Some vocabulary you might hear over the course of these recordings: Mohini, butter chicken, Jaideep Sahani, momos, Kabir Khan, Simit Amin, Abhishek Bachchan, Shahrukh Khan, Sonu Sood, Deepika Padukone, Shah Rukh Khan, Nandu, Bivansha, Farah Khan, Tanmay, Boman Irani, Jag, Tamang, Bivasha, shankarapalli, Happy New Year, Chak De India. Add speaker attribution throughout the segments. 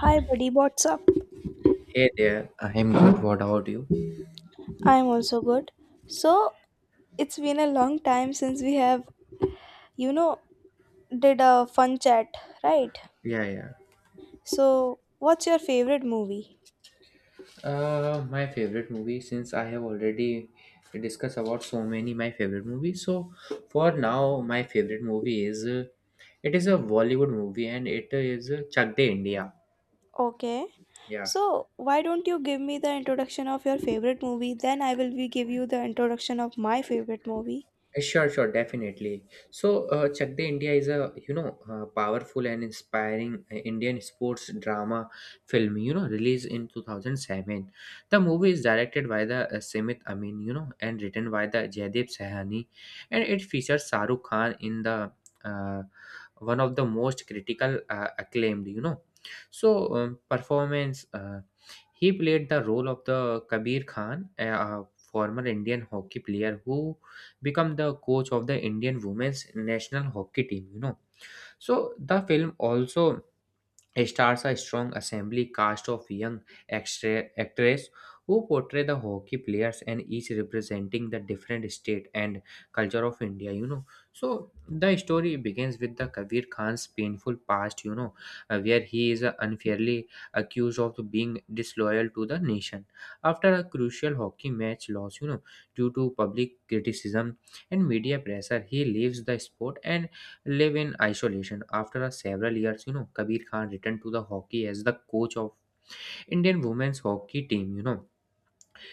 Speaker 1: Hi, buddy. What's up?
Speaker 2: Hey there, I'm good. What about you?
Speaker 1: I'm also good. So, it's been a long time since we have, you know, did a fun chat, right?
Speaker 2: Yeah, yeah.
Speaker 1: So, what's your favorite movie?
Speaker 2: My favorite movie, since I have already discussed about so many my favorite movies, so for now, my favorite movie is it is a Bollywood movie and it is Chak De India.
Speaker 1: Okay.
Speaker 2: Yeah.
Speaker 1: So, why don't you give me the introduction of your favorite movie? Then I will be give you the introduction of my favorite movie.
Speaker 2: Sure, sure, definitely. So, Chak De India is a powerful and inspiring Indian sports drama film, you know, released in 2007. The movie is directed by the Simit Amin, you know, and written by the Jaideep Sahani, and it features Shahrukh Khan in the uh, one of the most critical acclaimed, you know, so performance. He played the role of the Kabir Khan, a former Indian hockey player who become the coach of the Indian women's national hockey team, you know. So the film also stars a strong assembly cast of young actors who portray the hockey players and each representing the different state and culture of India, you know. So the story begins with the Kabir Khan's painful past, you know, where he is unfairly accused of being disloyal to the nation after a crucial hockey match loss, you know, due to public criticism and media pressure. He leaves the sport and live in isolation. After a several years, you know, Kabir Khan returned to the hockey as the coach of Indian women's hockey team, you know,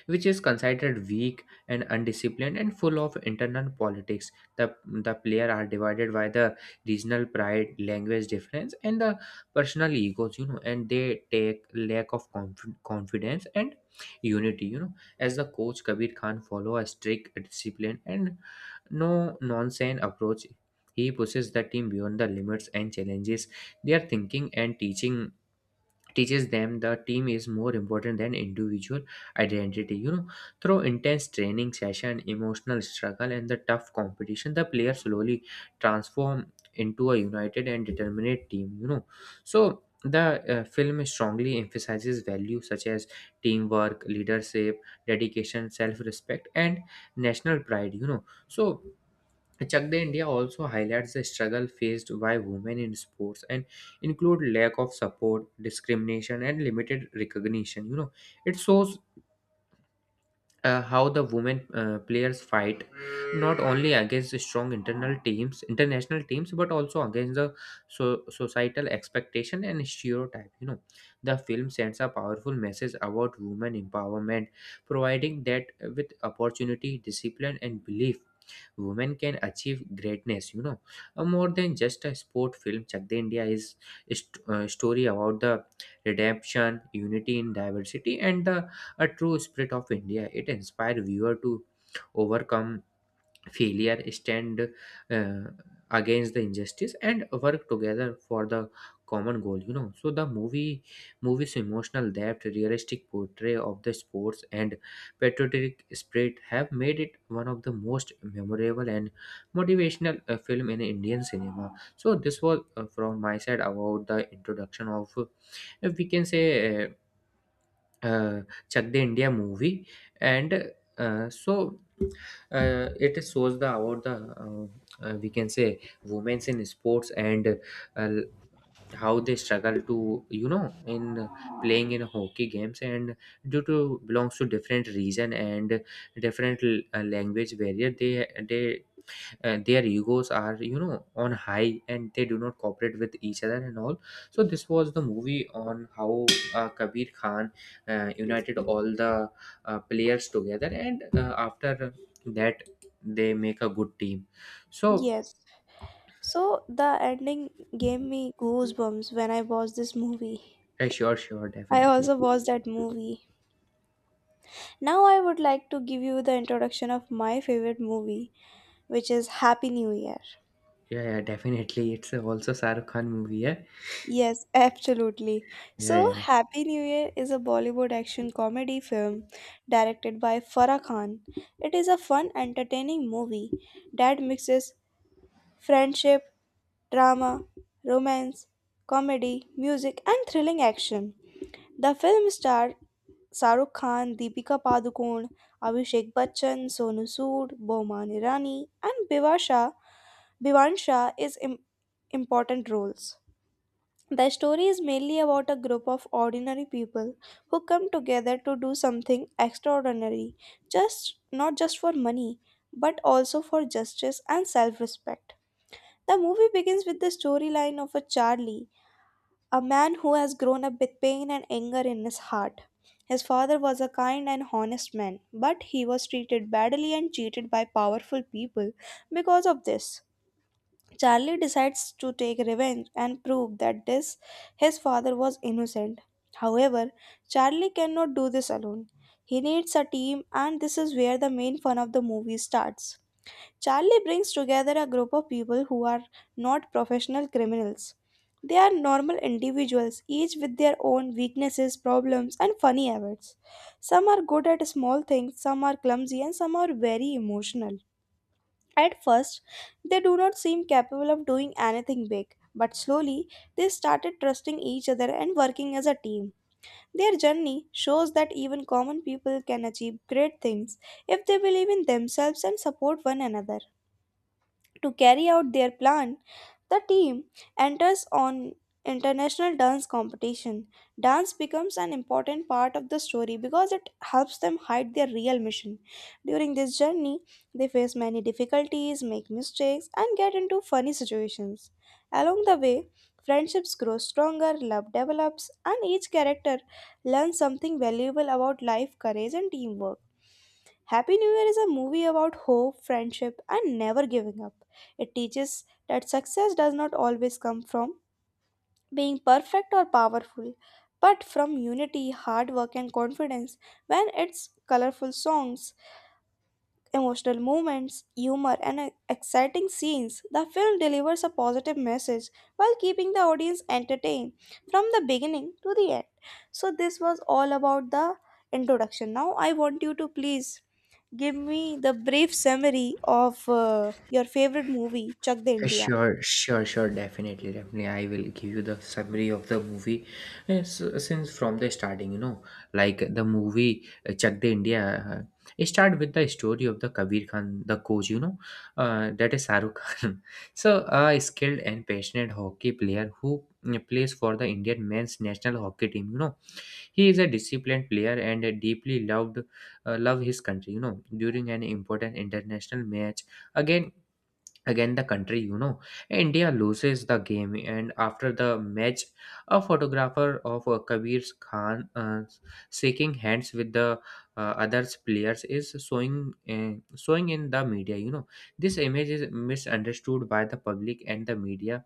Speaker 2: which is considered weak and undisciplined and full of internal politics. The players are divided by the regional pride, language difference, and the personal egos, you know, and they take lack of confidence and unity, you know. As the coach, Kabir Khan follow a strict discipline and no nonsense approach. He pushes the team beyond the limits and challenges their thinking and teaching teaches them the team is more important than individual identity, you know. Through intense training session, emotional struggle, and the tough competition, the player slowly transform into a united and determined team, you know. So the film strongly emphasizes values such as teamwork, leadership, dedication, self-respect, and national pride, you know. So Chak De India also highlights the struggle faced by women in sports and include lack of support, discrimination, and limited recognition, you know. It shows how the women players fight not only against the strong internal teams, international teams, but also against the societal expectation and stereotype, you know. The film sends a powerful message about women empowerment, providing that with opportunity, discipline, and belief women can achieve greatness, you know. More than just a sport film, Chak De India is a story about the redemption, unity in diversity, and the a true spirit of India. It inspires viewer to overcome failure, stand uh, against the injustice, and work together for the common goal, you know. So the movie's emotional depth, realistic portrayal of the sports, and patriotic spirit have made it one of the most memorable and motivational film in Indian cinema. So this was from my side about the introduction of we can say, uh, Chak De India movie. And so it shows the about the we can say women's in sports and uh, how they struggle to, you know, in playing in hockey games and due to belongs to different region and different language barrier, they and their egos are, you know, on high and they do not cooperate with each other and all. So this was the movie on how Kabir Khan united all the players together, and after that they make a good team. So
Speaker 1: Yes. So, the ending gave me goosebumps when I watched this movie.
Speaker 2: sure, sure,
Speaker 1: I
Speaker 2: definitely.
Speaker 1: also watched that movie. Now I would like to give you the introduction of my favorite movie, which is Happy New Year.
Speaker 2: Yeah, yeah, definitely, it's also Sarukhan khan movie. Yeah,
Speaker 1: Yes, absolutely.
Speaker 2: yeah,
Speaker 1: So,
Speaker 2: yeah.
Speaker 1: Happy New Year is a Bollywood action comedy film directed by Farah Khan. It is a fun, entertaining movie that mixes friendship, drama, romance, comedy, music, and thrilling action. The film stars Saruk Khan, Deepika Padukone, Abhishek Bachchan, Sonu Sood, Boman Irani, and Bivasha. Bivansha is im- Important roles. The story is mainly about a group of ordinary people who come together to do something extraordinary, just not just for money, but also for justice and self-respect. The movie begins with the storyline of a Charlie, a man who has grown up with pain and anger in his heart. His father was a kind and honest man, but he was treated badly and cheated by powerful people because of this. Charlie decides to take revenge and prove that this his father was innocent. However, Charlie cannot do this alone. He needs a team and this is where the main fun of the movie starts. Charlie brings together a group of people who are not professional criminals. They are normal individuals, each with their own weaknesses, problems, and funny habits. Some are good at small things, some are clumsy, and some are very emotional. At first, they do not seem capable of doing anything big, but slowly they started trusting each other and working as a team. Their journey shows that even common people can achieve great things if they believe in themselves and support one another. To carry out their plan, the team enters on international dance competition. Dance becomes an important part of the story because it helps them hide their real mission. During this journey, they face many difficulties, make mistakes, and get into funny situations. Along the way, friendships grow stronger, love develops, and each character learns something valuable about life, courage, and teamwork. Happy New Year is a movie about hope, friendship, and never giving up. It teaches that success does not always come from being perfect or powerful, but from unity, hard work, and confidence. When it's colorful songs, emotional moments, humor, and exciting scenes, the film delivers a positive message while keeping the audience entertained from the beginning to the end. So, this was all about the introduction. Now, I want you to please give me the brief summary of your favorite movie, Chak De India.
Speaker 2: Sure, sure, sure, definitely, definitely. I will give you the summary of the movie. Yes, since from the starting, you know, like the movie Chak De India, it start with the story of the Kabir Khan, the coach, you know, that is Saruk Khan. So, a skilled and passionate hockey player who plays for the Indian men's national hockey team, you know. He is a disciplined player and a deeply loved, love his country, you know. During an important international match again again the country, you know, India loses the game. And after the match, a photographer of Kabir Khan shaking hands with the others players is showing in the media, you know. This image is misunderstood by the public and the media,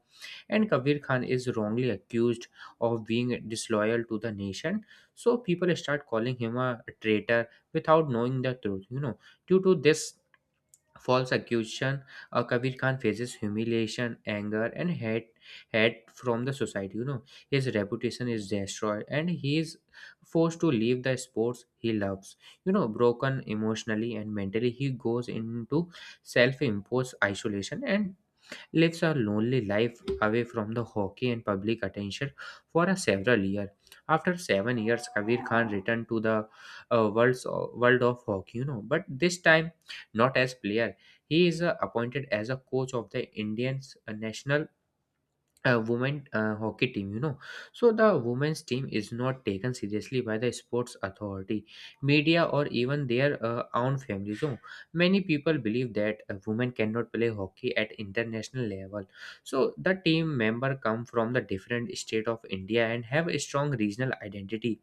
Speaker 2: and Kabir Khan is wrongly accused of being disloyal to the nation. So people start calling him a traitor without knowing the truth, you know. Due to this false accusation, Kabir Khan faces humiliation, anger, and hate from the society, you know. His reputation is destroyed, and he is forced to leave the sports he loves, you know. Broken emotionally and mentally, he goes into self-imposed isolation and lives a lonely life away from the hockey and public attention for a several years. After 7 years, Kabir Khan returned to the world of hockey, you know, but this time not as player. He is appointed as a coach of the Indian national a women hockey team, you know. So the women's team is not taken seriously by the sports authority, media, or even their own families. So many people believe that a woman cannot play hockey at international level. So the team member come from the different state of India and have a strong regional identity.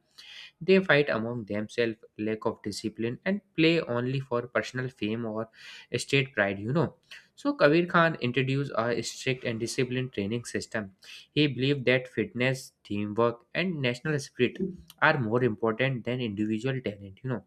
Speaker 2: They fight among themselves, lack of discipline, and play only for personal fame or state pride, you know. So Kabir Khan introduced a strict and disciplined training system. He believed that fitness, teamwork, and national spirit are more important than individual talent, you know.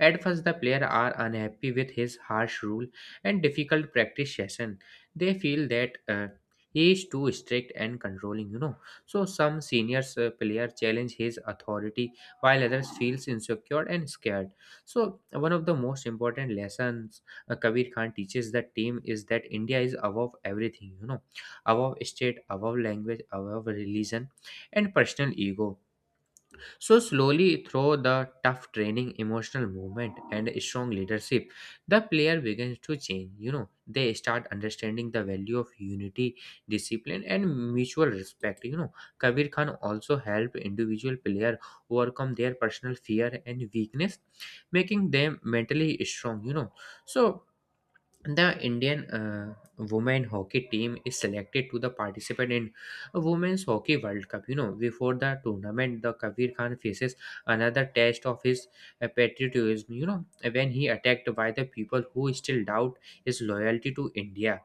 Speaker 2: At first, the players are unhappy with his harsh rule and difficult practice session. They feel that he is too strict and controlling, you know. So some seniors player challenge his authority while others feels insecure and scared. So one of the most important lessons Kabir Khan teaches the team is that India is above everything, you know, above state, above language, above religion and personal ego. So, slowly, through the tough training, emotional movement, and strong leadership, the player begins to change, you know. They start understanding the value of unity, discipline, and mutual respect, you know. Kabir Khan also helped individual player overcome their personal fear and weakness, making them mentally strong, you know. So the Indian women hockey team is selected to the participate in a women's hockey World Cup, you know. Before the tournament, the Kabir Khan faces another test of his patriotism, you know, when he attacked by the people who still doubt his loyalty to India.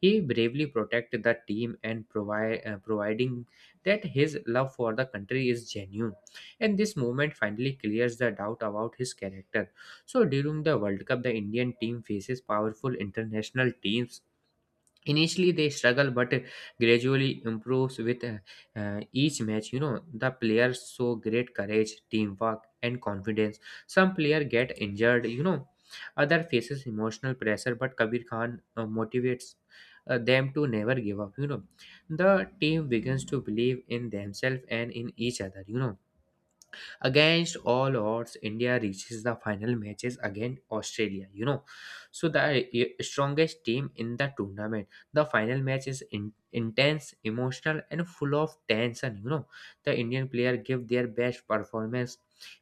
Speaker 2: He bravely protected the team and providing that his love for the country is genuine. And this moment finally clears the doubt about his character. So during the World Cup, the Indian team faces powerful international teams. Initially they struggle, but gradually improves with each match, you know. The players show great courage, teamwork, and confidence. Some player get injured, you know. Other faces emotional pressure, but Kabir Khan motivates them to never give up, you know. The team begins to believe in themselves and in each other, you know. Against all odds, India reaches the final matches against Australia, you know. So the strongest team in the tournament. The final match is intense, emotional, and full of tension, you know. The Indian player give their best performance,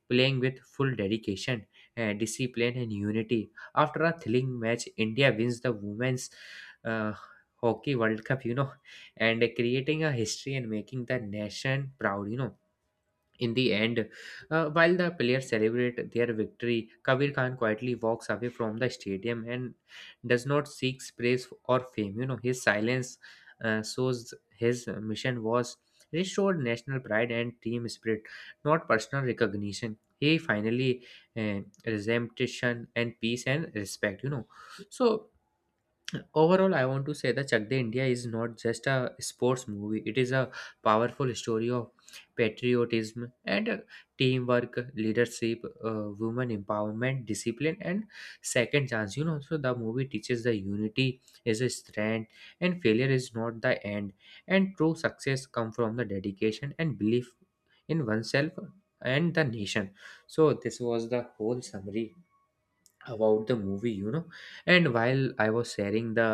Speaker 2: playing with full dedication, discipline, and unity. After a thrilling match, India wins the women's. Uh, Hockey World Cup, you know, and creating a history and making the nation proud, you know. In the end, while the players celebrate their victory, Kabir Khan quietly walks away from the stadium and does not seek praise or fame, you know. His silence shows his mission was restored national pride and team spirit, not personal recognition. He finally uh, resumption and peace and respect, you know. So, overall, I want to say that Chak De India is not just a sports movie. It is a powerful story of patriotism and teamwork, leadership, women empowerment, discipline, and second chance, you know. So the movie teaches the unity is a strength and failure is not the end. And true success come from the dedication and belief in oneself and the nation. So this was the whole summary about the movie and while I was sharing the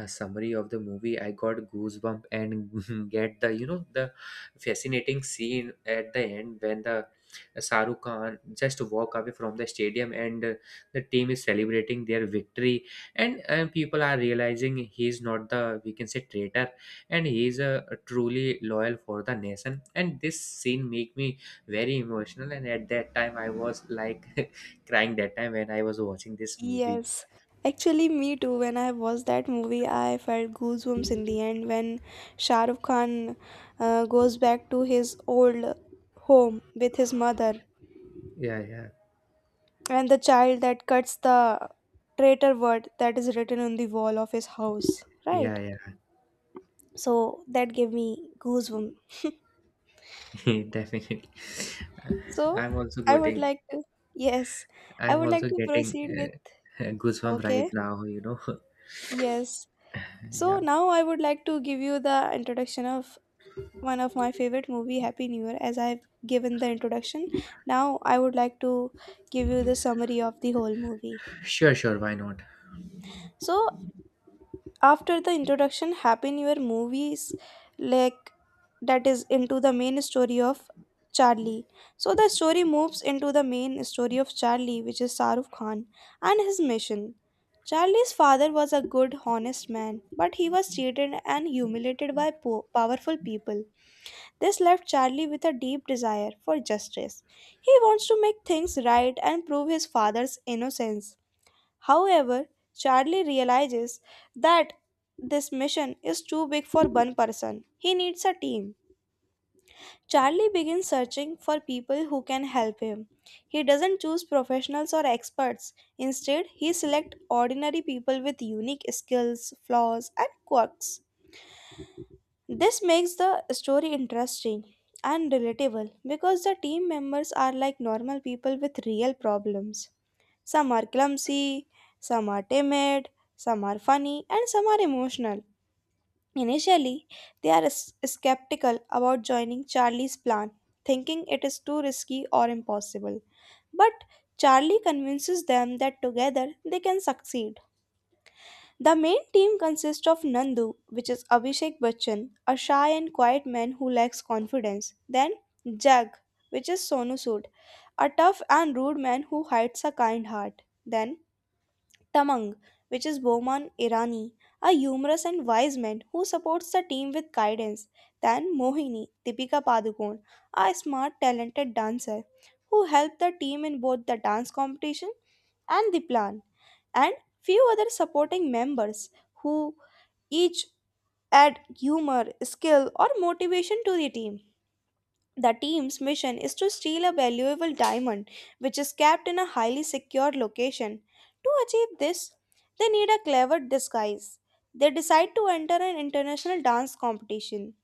Speaker 2: summary of the movie I got goosebump and get the you know the fascinating scene at the end when the Shahrukh Khan just walk away from the stadium and the team is celebrating their victory and people are realizing he is not the we can say traitor and he is truly loyal for the nation and this scene make me very emotional and at that time I was like crying that time when I was watching this movie.
Speaker 1: Yes, actually, me too. When I watched that movie, I felt goosebumps in the end when Shah Rukh Khan goes back to his old home with his mother
Speaker 2: Yeah, yeah,
Speaker 1: and the child that cuts the traitor word that is written on the wall of his house, right?
Speaker 2: yeah,
Speaker 1: So that gave me goosebumps.
Speaker 2: yeah. Definitely,
Speaker 1: So
Speaker 2: I'm also
Speaker 1: I would
Speaker 2: getting.
Speaker 1: like to, yes, I
Speaker 2: I'm
Speaker 1: would like
Speaker 2: also
Speaker 1: to
Speaker 2: getting
Speaker 1: proceed with,
Speaker 2: goosebump right
Speaker 1: okay,
Speaker 2: now. You know.
Speaker 1: yes. So
Speaker 2: Yeah.
Speaker 1: now I would like to give you the introduction of one of my favorite movie, Happy New Year, as I've given the introduction. Now I would like to give you the summary of the whole movie.
Speaker 2: Sure, sure. Why not?
Speaker 1: So after the introduction, Happy New Year movies like that is into the main story of Charlie. So the story moves into the main story of Charlie, which is Saruf Khan, and his mission. Charlie's father was a good honest man, but he was cheated and humiliated by powerful people. This left Charlie with a deep desire for justice. He wants to make things right and prove his father's innocence. However, Charlie realizes that this mission is too big for one person. He needs a team. Charlie begins searching for people who can help him. He doesn't choose professionals or experts. Instead, he selects ordinary people with unique skills, flaws, and quirks. This makes the story interesting and relatable because the team members are like normal people with real problems. Some are clumsy, some are timid, some are funny, and some are emotional. Initially, they are skeptical about joining Charlie's plan, thinking it is too risky or impossible. But Charlie convinces them that together they can succeed. The main team consists of Nandu, which is Abhishek Bachchan, a shy and quiet man who lacks confidence. Then Jag, which is Sonu Sood, a tough and rude man who hides a kind heart. Then Tamang, which is Boman Irani, a humorous and wise man who supports the team with guidance. Then Mohini, Deepika Padukone, a smart, talented dancer who helped the team in both the dance competition and the plan, and few other supporting members who each add humor, skill, or motivation to the team. The team's mission is to steal a valuable diamond, which is kept in a highly secure location. To achieve this, they need a clever disguise. They decide to enter an international dance competition.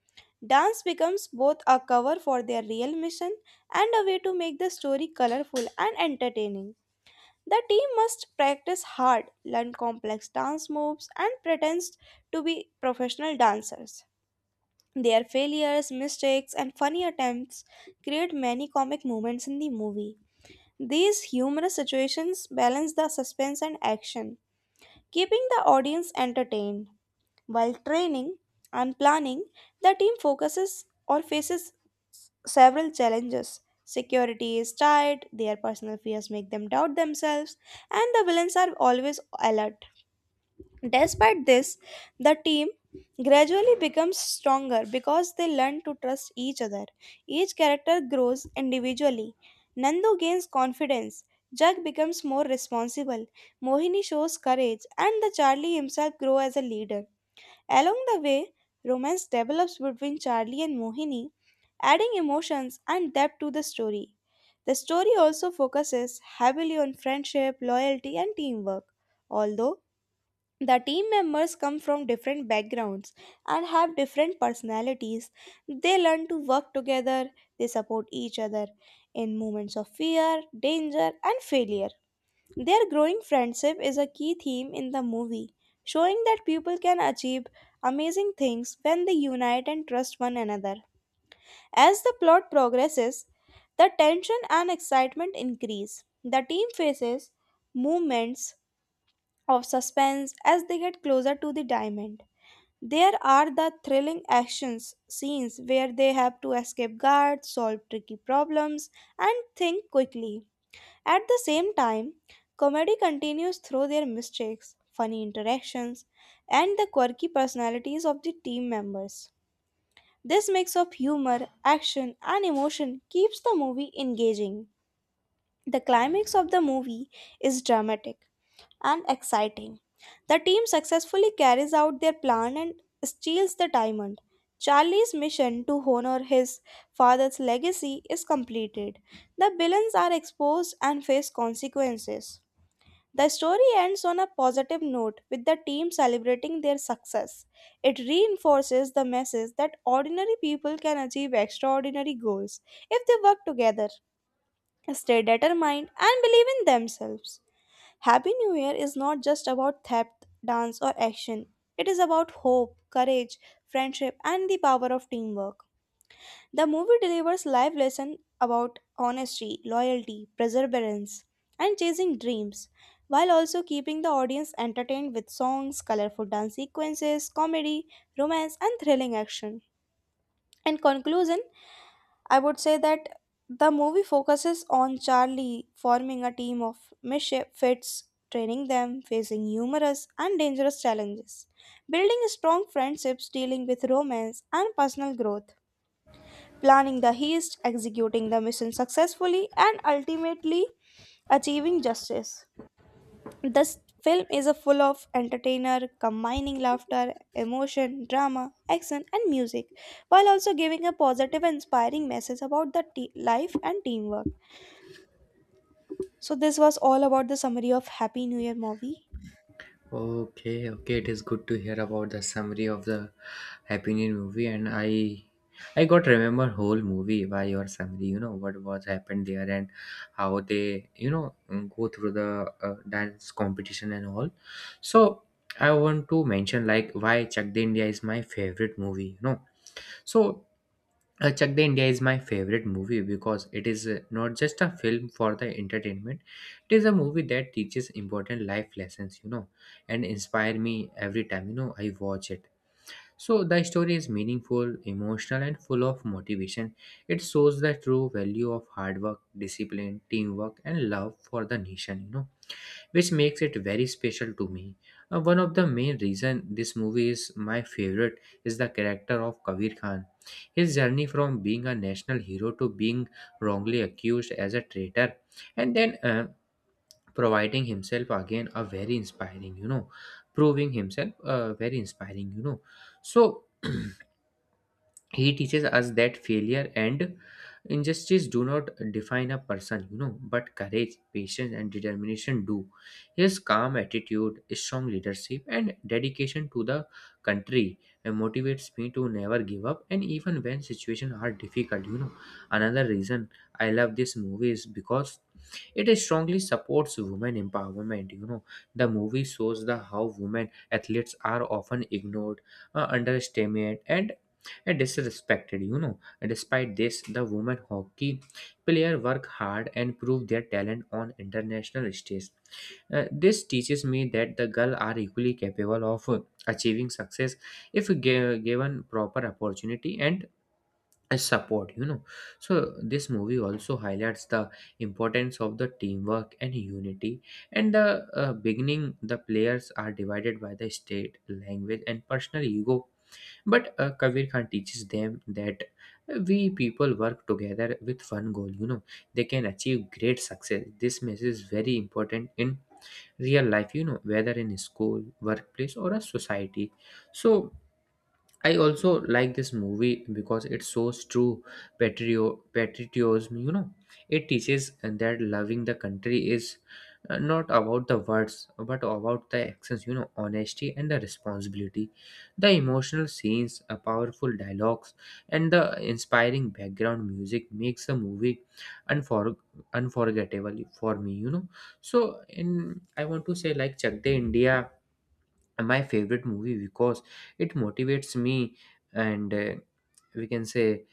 Speaker 1: Dance becomes both a cover for their real mission and a way to make the story colorful and entertaining. The team must practice hard, learn complex dance moves, and pretends to be professional dancers. Their failures, mistakes, and funny attempts create many comic moments in the movie. These humorous situations balance the suspense and action, keeping the audience entertained. While training and planning, the team focuses or faces several challenges. Security is tight, their personal fears make them doubt themselves, and the villains are always alert. Despite this, the team gradually becomes stronger because they learn to trust each other. Each character grows individually. Nandu gains confidence. Jag becomes more responsible. Mohini shows courage, and the Charlie himself grows as a leader. Along the way, romance develops between Charlie and Mohini, adding emotions and depth to the story. The story also focuses heavily on friendship, loyalty, and teamwork. Although the team members come from different backgrounds and have different personalities, they learn to work together, they support each other in moments of fear, danger, and failure. Their growing friendship is a key theme in the movie, showing that people can achieve amazing things when they unite and trust one another. As the plot progresses, the tension and excitement increase. The team faces moments of suspense as they get closer to the diamond. There are the thrilling action scenes where they have to escape guards, solve tricky problems, and think quickly. At the same time, comedy continues through their mistakes, funny interactions, and the quirky personalities of the team members. This mix of humor, action, and emotion keeps the movie engaging. The climax of the movie is dramatic and exciting. The team successfully carries out their plan and steals the diamond. Charlie's mission to honor his father's legacy is completed. The villains are exposed and face consequences. The story ends on a positive note with the team celebrating their success. It reinforces the message that ordinary people can achieve extraordinary goals if they work together, stay determined, and believe in themselves. Happy New Year is not just about theft, dance, or action. It is about hope, courage, friendship, and the power of teamwork. The movie delivers live lessons about honesty, loyalty, perseverance, and chasing dreams, while also keeping the audience entertained with songs, colorful dance sequences, comedy, romance, and thrilling action. In conclusion, I would say that the movie focuses on Charlie forming a team of misfits, training them, facing numerous and dangerous challenges, building strong friendships, dealing with romance and personal growth, planning the heist, executing the mission successfully, and ultimately achieving justice. This film is a full of entertainer combining laughter, emotion, drama, action and music while also giving a positive and inspiring message about the life and teamwork. So this was all about the summary of Happy New Year movie.
Speaker 2: Okay, okay, it is good to hear about the summary of the Happy New Year movie, and I got remember whole movie by your summary. You know what was happened there and how they, you know, go through the dance competition and all. So I want to mention like why Chak De India is my favorite movie. You know, so Chak De India is my favorite movie because it is not just a film for the entertainment. It is a movie that teaches important life lessons, you know, and inspire me every time, you know, I watch it. So the story is meaningful, emotional, and full of motivation. It shows the true value of hard work, discipline, teamwork, and love for the nation, you know, which makes it very special to me. One of the main reason this movie is my favorite is the character of Kabir Khan. His journey from being a national hero to being wrongly accused as a traitor and then providing himself again a very inspiring, you know, proving himself very inspiring, you know. So he teaches us that failure and injustice do not define a person, you know, but courage, patience, and determination do. His calm attitude, strong leadership, and dedication to the country motivates me to never give up, and even when situations are difficult, you know, another reason I love this movie is because it strongly supports women empowerment, you know. The movie shows the how women athletes are often ignored, underestimated, and disrespected, you know. Despite this, the women hockey player work hard and prove their talent on international stage. This teaches me that the girls are equally capable of achieving success if given proper opportunity and support, you know. So this movie also highlights the importance of the teamwork and unity, and the beginning the players are divided by the state language and personal ego, but Kabir Khan teaches them that we people work together with one goal, you know, they can achieve great success. This message is very important in real life, you know, whether in school, workplace, or a society. So, I also like this movie because it shows true patriotism. You know, it teaches that loving the country is not about the words but about the actions. You know, honesty and the responsibility. The emotional scenes, powerful dialogues, and the inspiring background music makes the movie unfor- unforgettable for me. You know, so in I want to say like Chak De India my favorite movie because it motivates me and we can say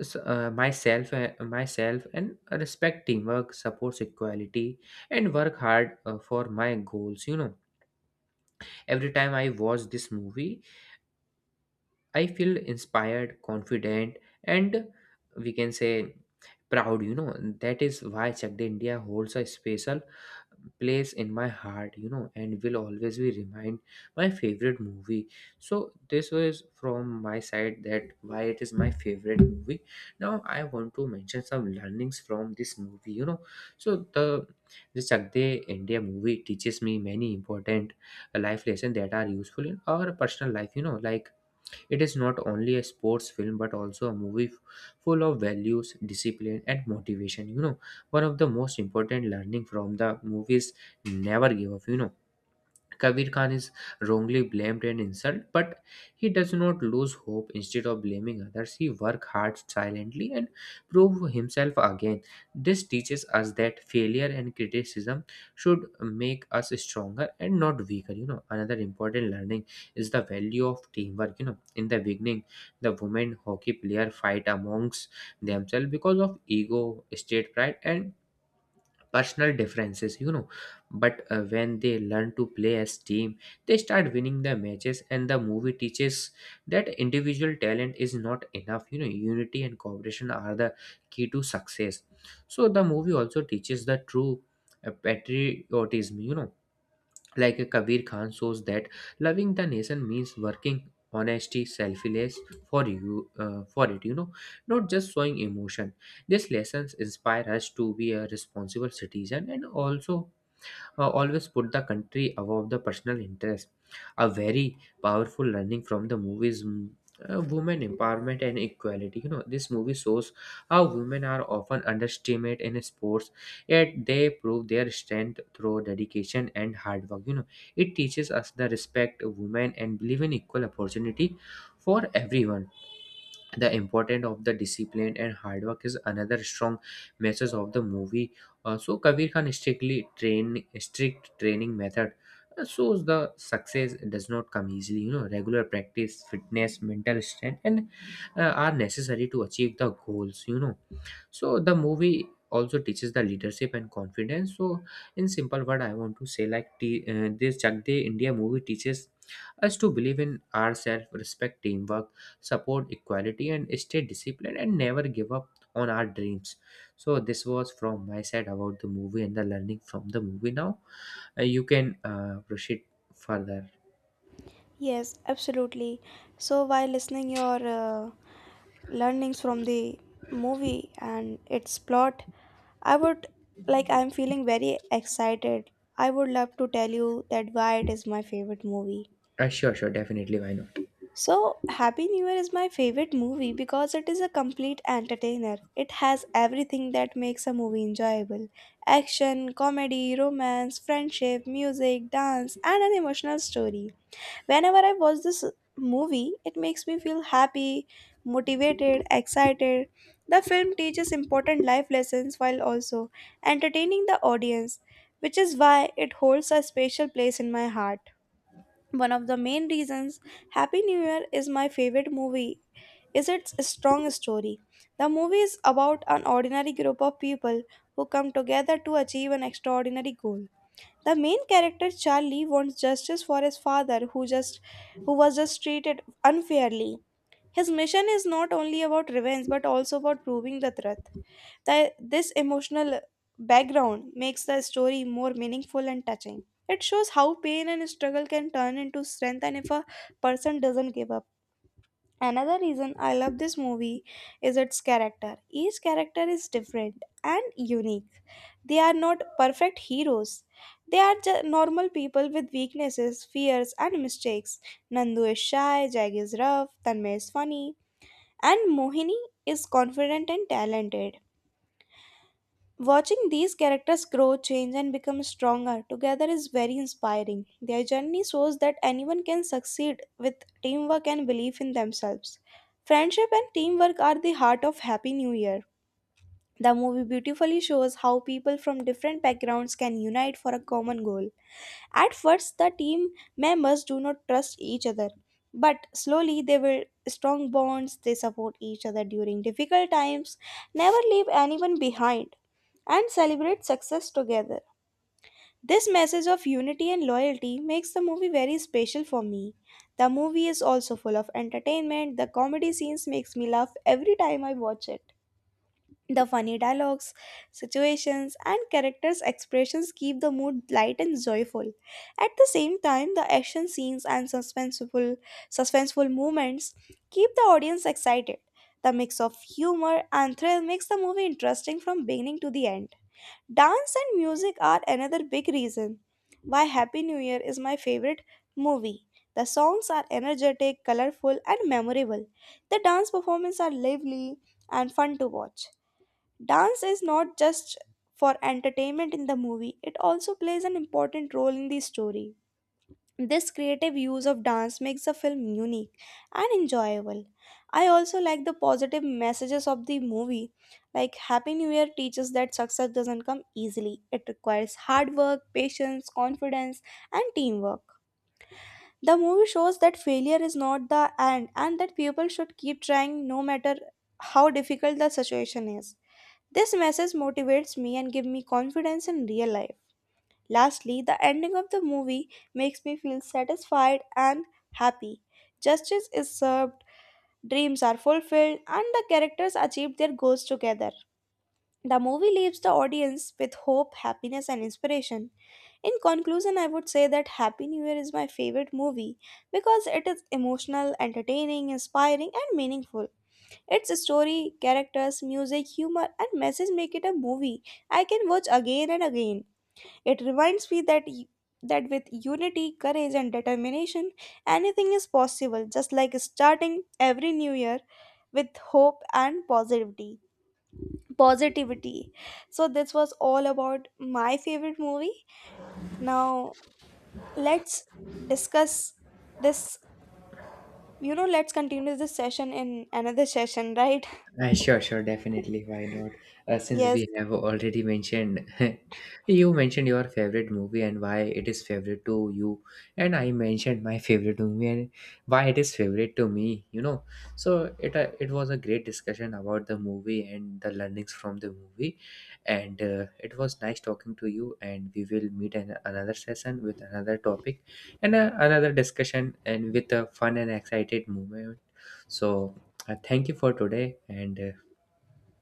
Speaker 2: myself myself and respect teamwork, supports equality, and work hard for my goals, you know. Every time I watch this movie I feel inspired, confident, and we can say proud, you know. That is why Chak De India holds a special place in my heart, you know, and will always be remind my favorite movie. So this was from my side that why it is my favorite movie. Now I want to mention some learnings from this movie, you know. So the Chak De India movie teaches me many important life lessons that are useful in our personal life, you know, like it is not only a sports film but also a movie full of values, discipline, and motivation. You know, one of the most important learning from the movies never give up. You know, Kabir Khan is wrongly blamed and insulted, but he does not lose hope. Instead of blaming others, he works hard silently and prove himself again. This teaches us that failure and criticism should make us stronger and not weaker. You know, another important learning is the value of teamwork. You know, in the beginning, the women hockey player fight amongst themselves because of ego, state pride, and personal differences, you know, but when they learn to play as team they start winning the matches, and the movie teaches that individual talent is not enough, you know, unity and cooperation are the key to success. So the movie also teaches the true patriotism, you know, like Kabir Khan shows that loving the nation means working honesty selfless for you for it, you know, not just showing emotion. These lessons inspire us to be a responsible citizen and also always put the country above the personal interest. A very powerful learning from the movies. Women empowerment and equality, you know, this movie shows how women are often underestimated in sports, yet they prove their strength through dedication and hard work, you know. It teaches us the respect of women and believe in equal opportunity for everyone. The importance of the discipline and hard work is another strong message of the movie. So Kabir Khan strict training method shows the success does not come easily, you know, regular practice, fitness, mental strength, and are necessary to achieve the goals, you know. So the movie also teaches the leadership and confidence. So in simple word I want to say like this Chak De India movie teaches us to believe in ourselves, respect teamwork, support equality, and stay disciplined, and never give up on our dreams. So this was from my side about the movie and the learning from the movie. Now you can proceed further.
Speaker 1: Yes, absolutely. So while listening your learnings from the movie and its plot, I would like I'm feeling very excited. I would love to tell you that why it is my favorite movie.
Speaker 2: Sure, sure, definitely, why not?
Speaker 1: So, Happy New Year is my favorite movie because it is a complete entertainer. It has everything that makes a movie enjoyable action, comedy, romance, friendship, music, dance, and an emotional story. Whenever I watch this movie, it makes me feel happy, motivated, excited. The film teaches important life lessons while also entertaining the audience, which is why it holds a special place in my heart. One of the main reasons Happy New Year is my favorite movie is its strong story. The movie is about an ordinary group of people who come together to achieve an extraordinary goal. The main character Charlie wants justice for his father who was just treated unfairly. His mission is not only about revenge but also about proving the truth. That this emotional background makes the story more meaningful and touching. It shows how pain and struggle can turn into strength and if a person doesn't give up. Another reason I love this movie is its character. Each character is different and unique. They are not perfect heroes. They are normal people with weaknesses, fears, and mistakes. Nandu is shy, Jag is rough, Tanmay is funny, and Mohini is confident and talented. Watching these characters grow, change, and become stronger together is very inspiring. Their journey shows that anyone can succeed with teamwork and belief in themselves. Friendship and teamwork are the heart of Happy New Year. The movie beautifully shows how people from different backgrounds can unite for a common goal. At first, the team members do not trust each other, but slowly they build strong bonds, they support each other during difficult times, never leave anyone behind and celebrate success together. This message of unity and loyalty makes the movie very special for me. The movie is also full of entertainment. The comedy scenes makes me laugh every time I watch it. The funny dialogues, situations and characters expressions keep the mood light and joyful. At the same time, the action scenes and suspenseful moments keep the audience excited. The mix of humor and thrill makes the movie interesting from beginning to the end. Dance and music are another big reason why Happy New Year is my favorite movie. The songs are energetic, colorful, and memorable. The dance performances are lively and fun to watch. Dance is not just for entertainment in the movie, it also plays an important role in the story. This creative use of dance makes the film unique and enjoyable. I also like the positive messages of the movie. Like Happy New Year teaches that success doesn't come easily. It requires hard work, patience, confidence, and teamwork. The movie shows that failure is not the end and that people should keep trying no matter how difficult the situation is. This message motivates me and gives me confidence in real life. Lastly, the ending of the movie makes me feel satisfied and happy. Justice is served, dreams are fulfilled, and the characters achieve their goals together. The movie leaves the audience with hope, happiness, and inspiration. In conclusion, I would say that Happy New Year is my favorite movie because it is emotional, entertaining, inspiring, and meaningful. Its story, characters, music, humor, and message make it a movie I can watch again and again. It reminds me that with unity, courage, and determination, anything is possible. Just like starting every new year with hope and positivity. Positivity. So this was all about my favorite movie. Now let's discuss this. You know, let's continue this session in another session, right?
Speaker 2: Sure, sure, definitely. Why not? Since
Speaker 1: Yes.
Speaker 2: we have already mentioned, you mentioned your favorite movie and why it is favorite to you, and I mentioned my favorite movie and why it is favorite to me. You know, so it was a great discussion about the movie and the learnings from the movie, and it was nice talking to you. And we will meet in another session with another topic and another discussion and with a fun and excited moment. So thank you for today and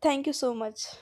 Speaker 1: Thank you so much.